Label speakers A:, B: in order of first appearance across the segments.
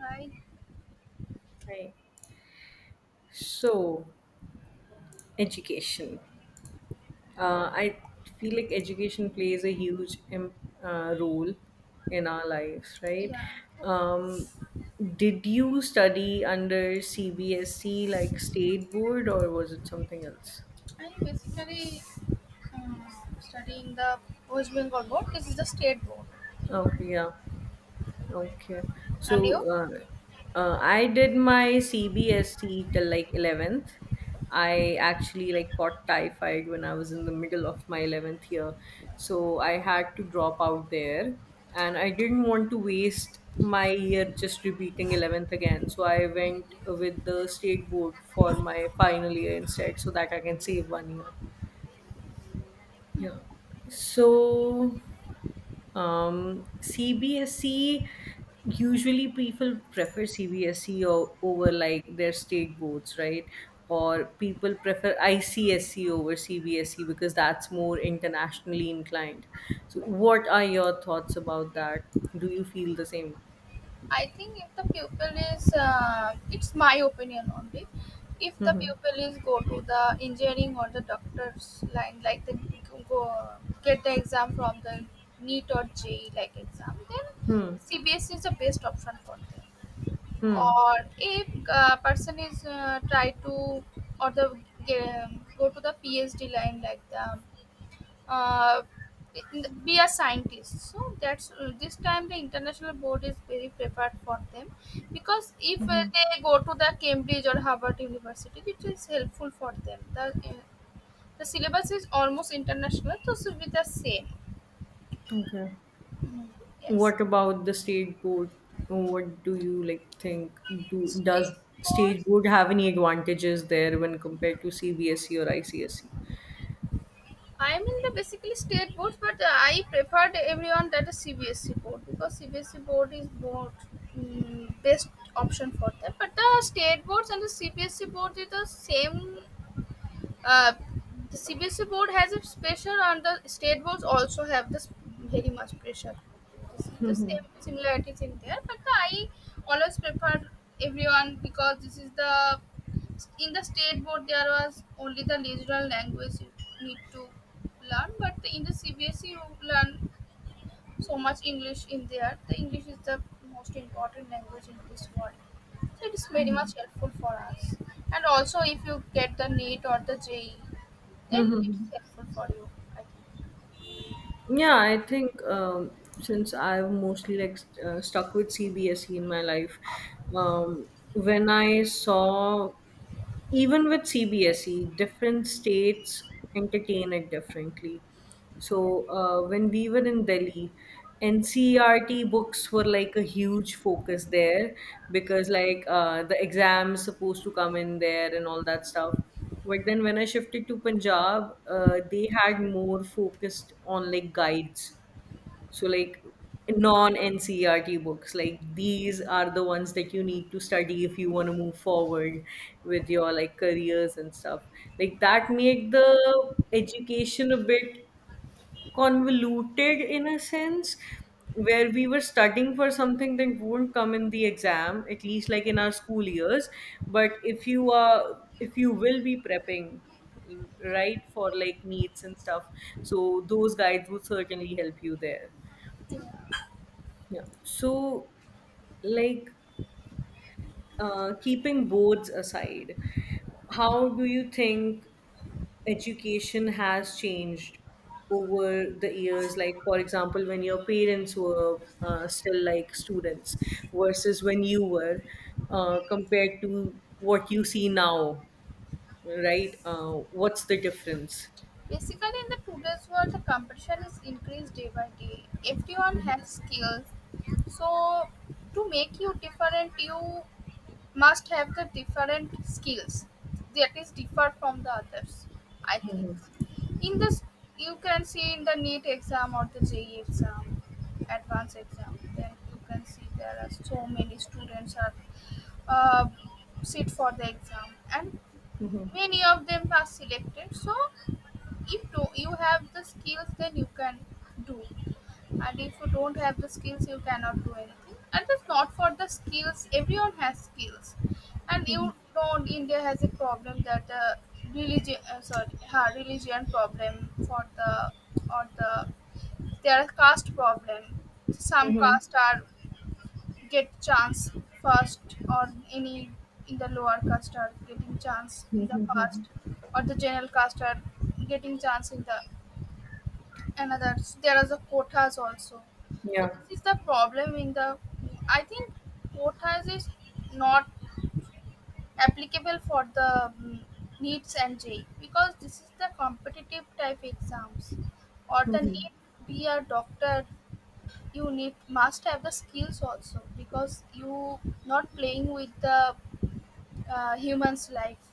A: I
B: Right. So, education. I feel like education plays a huge role in our lives, right?
A: Yeah,
B: Um, did you study under CBSC, like state board, or was it something else?
A: I basically um, studying the West Bengal board. This is the state board,
B: Okay, yeah. Okay. So
A: and you,
B: uh, I did my CBSC till like 11th. I actually like caught typhoid when I was in the middle of my 11th year. So I had to drop out there and I didn't want to waste my year just repeating 11th again. So I went with the state board for my final year instead so that I can save one year. Yeah. So CBSE, usually people prefer CBSE over like their state boards, right? Or people prefer ICSE over CBSE because that's more internationally inclined. So, what are your thoughts about that? Do you feel the same?
A: I think if the pupil is, it's my opinion only. If the
B: hmm
A: pupil is go to the engineering or the doctor's line, like the go get the exam from the NEET or JEE like exam, then
B: Hmm.
A: CBS is the best option for them.
B: Hmm.
A: Or if person is try to or the go to the phd line like the uh, be a scientist, so that's this time the international board is very prepared for them because if they go to the Cambridge or Harvard University, it is helpful for them. The syllabus is almost international, so it should be the same.
B: Okay.
A: Mm, yes.
B: What about the state board? What do you like think? Do
A: So,
B: Does
A: eight
B: state
A: course
B: board have any advantages there when compared to CBSE or ICSE?
A: I'm in the basically state boards, but I preferred everyone that is CBSC board because CBSC board is more best option for them. But the state boards and the CBSC board is the same. Uh, the CBSE board has its pressure and the state boards also have this very much pressure. This is the same similarities in there, but I always prefer everyone because this is the in the state board there was only the regional language you need to learn. But in the CBSE you learn so much English in there. The English is the most important language in this world. So it is very much helpful for us. And also, if you get the NEET or the JE, then it
B: Mhm.
A: is helpful for you, I think.
B: Yeah, I think since I've mostly like stuck with CBSE in my life, when I saw even with CBSE, different states entertain it differently. So when we were in Delhi, NCERT books were like a huge focus there because like the exams supposed to come in there and all that stuff. But then when I shifted to Punjab, they had more focused on like guides, so, like, non NCERT books, like these are the ones that you need to study if you want to move forward with your like careers and stuff. Like that make the education a bit convoluted in a sense where we were studying for something that won't come in the exam, at least like in our school years, but if you will be prepping right for like needs and stuff, so those guides would certainly help you there. Yeah. So, like, keeping boards aside, how do you think education has changed over the years? Like, for example, when your parents were still like students, versus when you were, compared to what you see now, right? What's the difference?
A: Basically, in the today's world, the competition is increased day by day. Everyone has skills. So to make you different, you must have the different skills that is differ from the others, I think.
B: Mhm.
A: In this you can see in the NEET exam or the je exam advanced exam, then you can see there are so many students are uh, sit for the exam, and
B: Mhm.
A: many of them are selected. So if you have the skills, then you can do, and if you don't have the skills, you cannot do anything. And that's not for the skills, everyone has skills. And you know India has a problem that religion, sorry, religion problem for the or the, there are caste problem. Some
B: Mhm.
A: caste are get chance first or any, in the lower caste are getting chance in
B: Mhm.
A: the
B: Mhm.
A: first or the general caste are getting chance in the and others. There are the quotas also.
B: Yeah.
A: So this is the problem in the. I think quotas is not applicable for the NEETs and JEE because this is the competitive type exams. Or the
B: Mhm.
A: need be a doctor, you need must have the skills also because you not playing with the humans life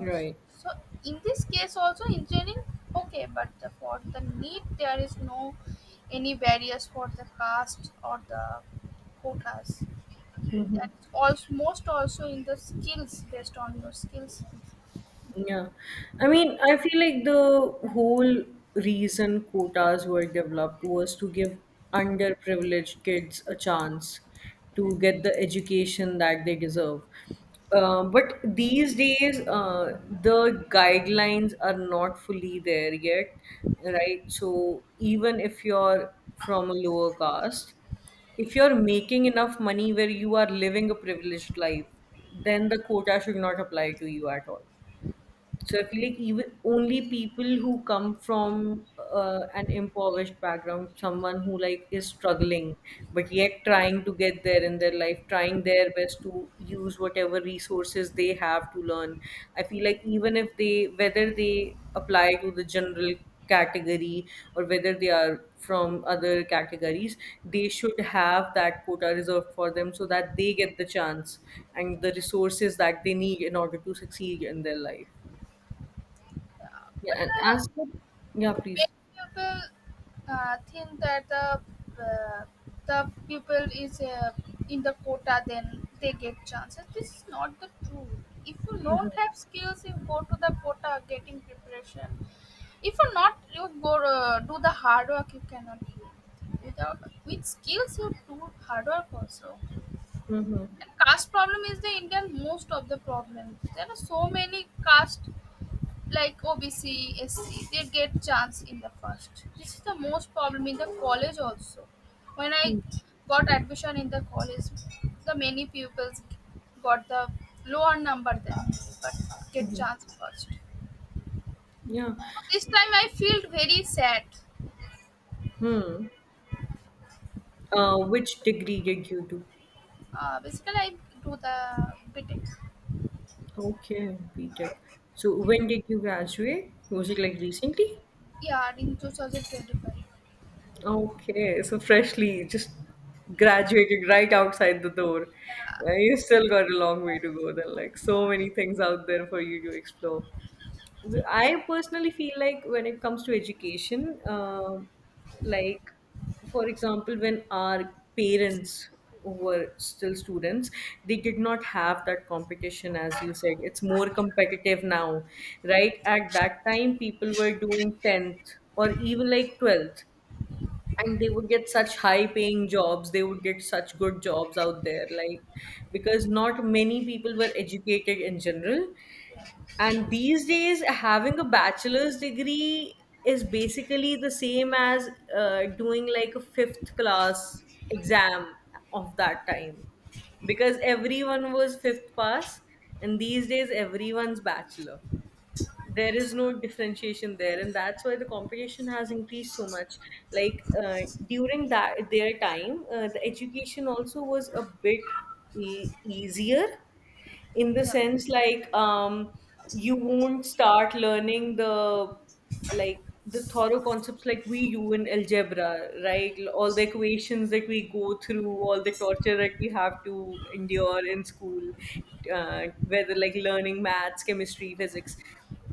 A: also. So in this case also engineering, okay, but for the need there is no any barriers for the caste or the quotas. That's also most also in the skills, based on your skills.
B: Yeah. I mean, I feel like the whole reason quotas were developed was to give underprivileged kids a chance to get the education that they deserve. But these days, the guidelines are not fully there yet, right? So even if you're from a lower caste, if you're making enough money where you are living a privileged life, then the quota should not apply to you at all. So I feel like even only people who come from an impoverished background, someone who like is struggling but yet trying to get there in their life, trying their best to use whatever resources they have to learn. I feel like even if they, whether they apply to the general category or whether they are from other categories, they should have that quota reserved for them so that they get the chance and the resources that they need in order to succeed in their life.
A: But
B: Yeah, and as for, yeah, please.
A: many people think that the people is in the quota, then they get chances. This is not the truth. If you
B: Mm-hmm.
A: don't have skills, you go to the quota getting preparation. If you not, you go do the hard work, you cannot do it. Without, with skills you do hard work also.
B: Mm-hmm.
A: And caste problem is the Indian most of the problem. There are so many caste like OBC SC, SC, they get chance in the first. This is the most problem in the college also. When I
B: Hmm.
A: got admission in the college, the many pupils got the lower number than me, but get chance first.
B: Yeah.
A: So this time I feel very sad.
B: Hmm. Which degree did you do?
A: Basically, I do the BTech.
B: Okay, BTech. So when did you graduate? Was it like recently?
A: Yeah, in 2025.
B: Okay, so freshly just
A: Yeah.
B: graduated right outside the door. Yeah,
A: Yeah,
B: you still got a long way to go. There are like so
A: yeah,
B: many things out there for you to explore. I personally feel like when it comes to education, like, for example, when our parents were still students, they did not have that competition, as you said. It's more competitive now, right? At that time, people were doing 10th or even like 12th, and they would get such high paying jobs, they would get such good jobs out there, like, because not many people were educated in general. And these days, having a bachelor's degree is basically the same as doing like a fifth class exam of that time, because everyone was fifth pass, and these days, everyone's bachelor. There is no differentiation there and that's why the competition has increased so much. Like during that their time, the education also was a bit easier, in the
A: yeah.
B: sense like, you won't start learning the like the thorough concepts like we do in algebra, right? All the equations that we go through, all the torture that we have to endure in school, whether like learning maths, chemistry, physics,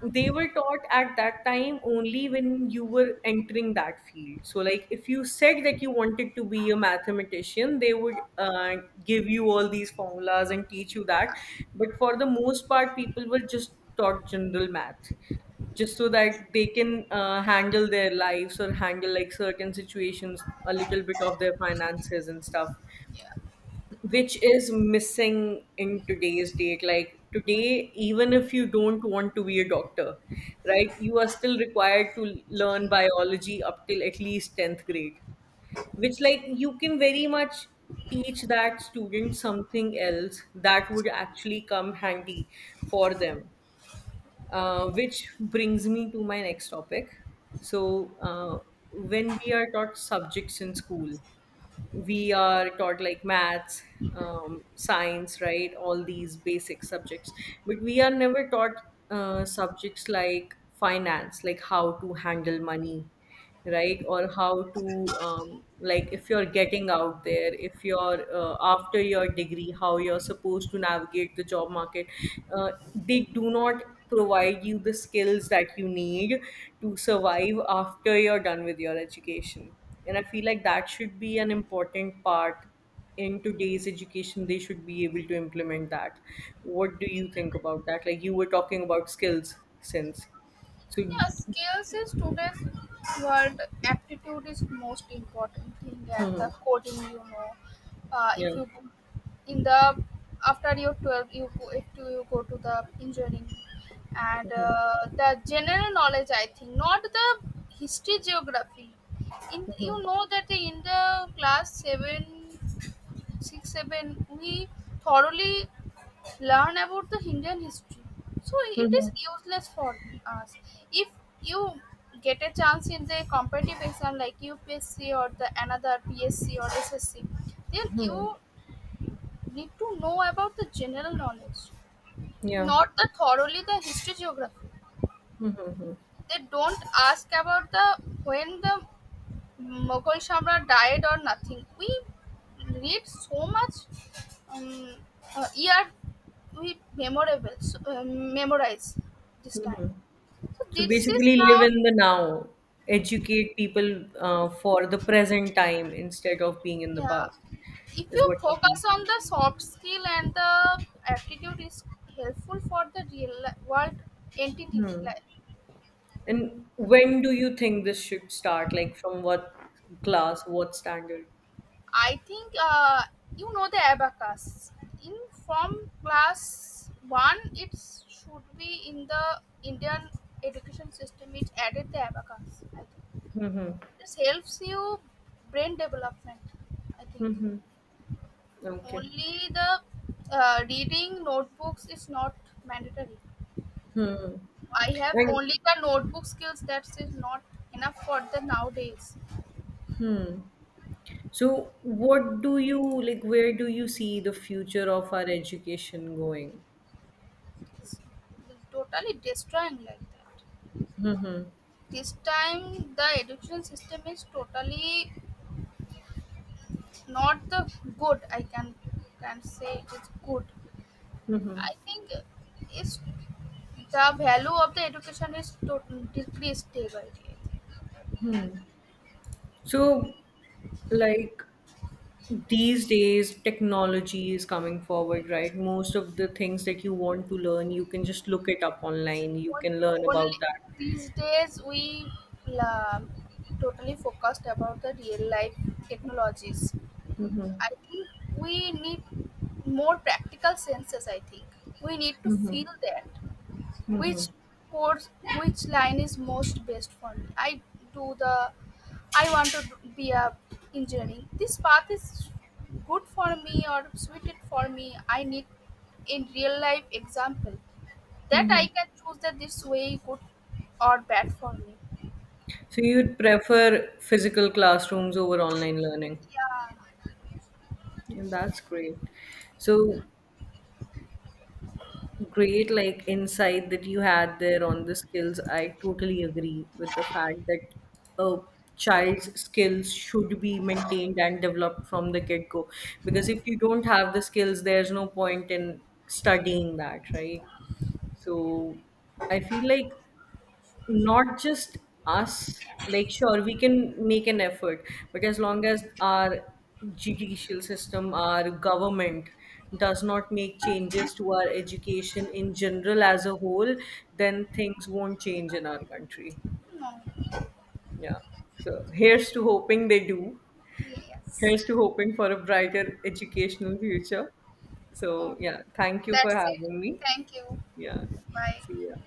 B: they were taught at that time only when you were entering that field. So, like if you said that you wanted to be a mathematician, they would give you all these formulas and teach you that. But for the most part, people were just taught general math just so that they can handle their lives or handle like certain situations, a little bit of their finances and stuff, which is missing in today's date. Like today, even if you don't want to be a doctor, right, you are still required to learn biology up till at least 10th grade, which like you can very much teach that student something else that would actually come handy for them. Uh, which brings me to my next topic. So, when we are taught subjects in school, we are taught like maths, science, right, all these basic subjects, but we are never taught subjects like finance, like how to handle money, right, or how to, like if you're getting out there, if you're after your degree, how you're supposed to navigate the job market. Uh, they do not provide you the skills that you need to survive after you're done with your education, and I feel like that should be an important part in today's education. They should be able to implement that. What do you think about that, like you were talking about skills since. So,
A: Yeah, skills is today's world. Aptitude is most important thing, and
B: hmm,
A: the coding, if
B: yeah.
A: you in the after your 12, you go, if you go to the engineering and the general knowledge. I think not the history, geography. In, you know that in the class seven, six, seven, we thoroughly learn about the Indian history. So
B: Hmm.
A: it
B: Hmm.
A: is useless for us. If you get a chance in the competitive exam like UPSC or the another PSC or SSC, then
B: Hmm,
A: you need to know about the general knowledge,
B: yeah.
A: not the thoroughly the history geography. They don't ask about the when the Mughal Samrat died or nothing. We read so much um, year we memorable so, memorize this time. So
B: So
A: this is
B: basically
A: now.
B: live in the now, educate people for the present time instead of being in the
A: Yeah.
B: past
A: If
B: is
A: you
B: what you mean.
A: focus on the soft skill and the aptitude is helpful for the real world entity
B: Hmm.
A: like,
B: And when do you think this should start? Like from what class, what standard?
A: I think. You know the abacus. In From class one, it should be in the Indian education system. It added the abacus. I think
B: Mhm.
A: this helps you brain development. I think
B: Mm-hmm. Okay.
A: only the reading notebooks is not mandatory. I have
B: And
A: only the notebook skills. That is not enough for the nowadays.
B: so, what do you like? Where do you see the future of our education going?
A: It's totally destroying like that. This time the education system is totally not the good, I can say it is good,
B: Mm-hmm.
A: I think. It's the value of the education is totally decreased day by day.
B: So, like, these days, technology is coming forward, right? Most of the things that you want to learn, you can just look it up online. You
A: What
B: can learn about
A: only
B: that.
A: these days we la, totally focused about the real life technologies.
B: Mm-hmm.
A: I think we need more practical senses. I think we need to
B: Mm-hmm.
A: feel that
B: Mm-hmm.
A: which course which line is most best for me. I do the I want to be a engineering. This path is good for me or suited for me. I need in real life example that I
B: Mm-hmm.
A: can choose that this way good or bad for me.
B: So, you'd prefer physical classrooms over online learning.
A: Yeah.
B: And that's great. So, great like insight that you had there on the skills. I totally agree with the fact that a child's skills should be maintained and developed from the get-go, because if you don't have the skills there's no point in studying that, right? So I feel like not just us, like, sure, we can make an effort, but as long as our judicial system, our government does not make changes to our education in general as a whole, then things won't change in our country.
A: No.
B: Yeah. So here's to hoping they do.
A: Yes.
B: Here's to hoping for a brighter educational future. So,
A: Oh,
B: yeah, thank you for
A: that's it,
B: having me.
A: thank you.
B: Yeah.
A: Bye.
B: See ya.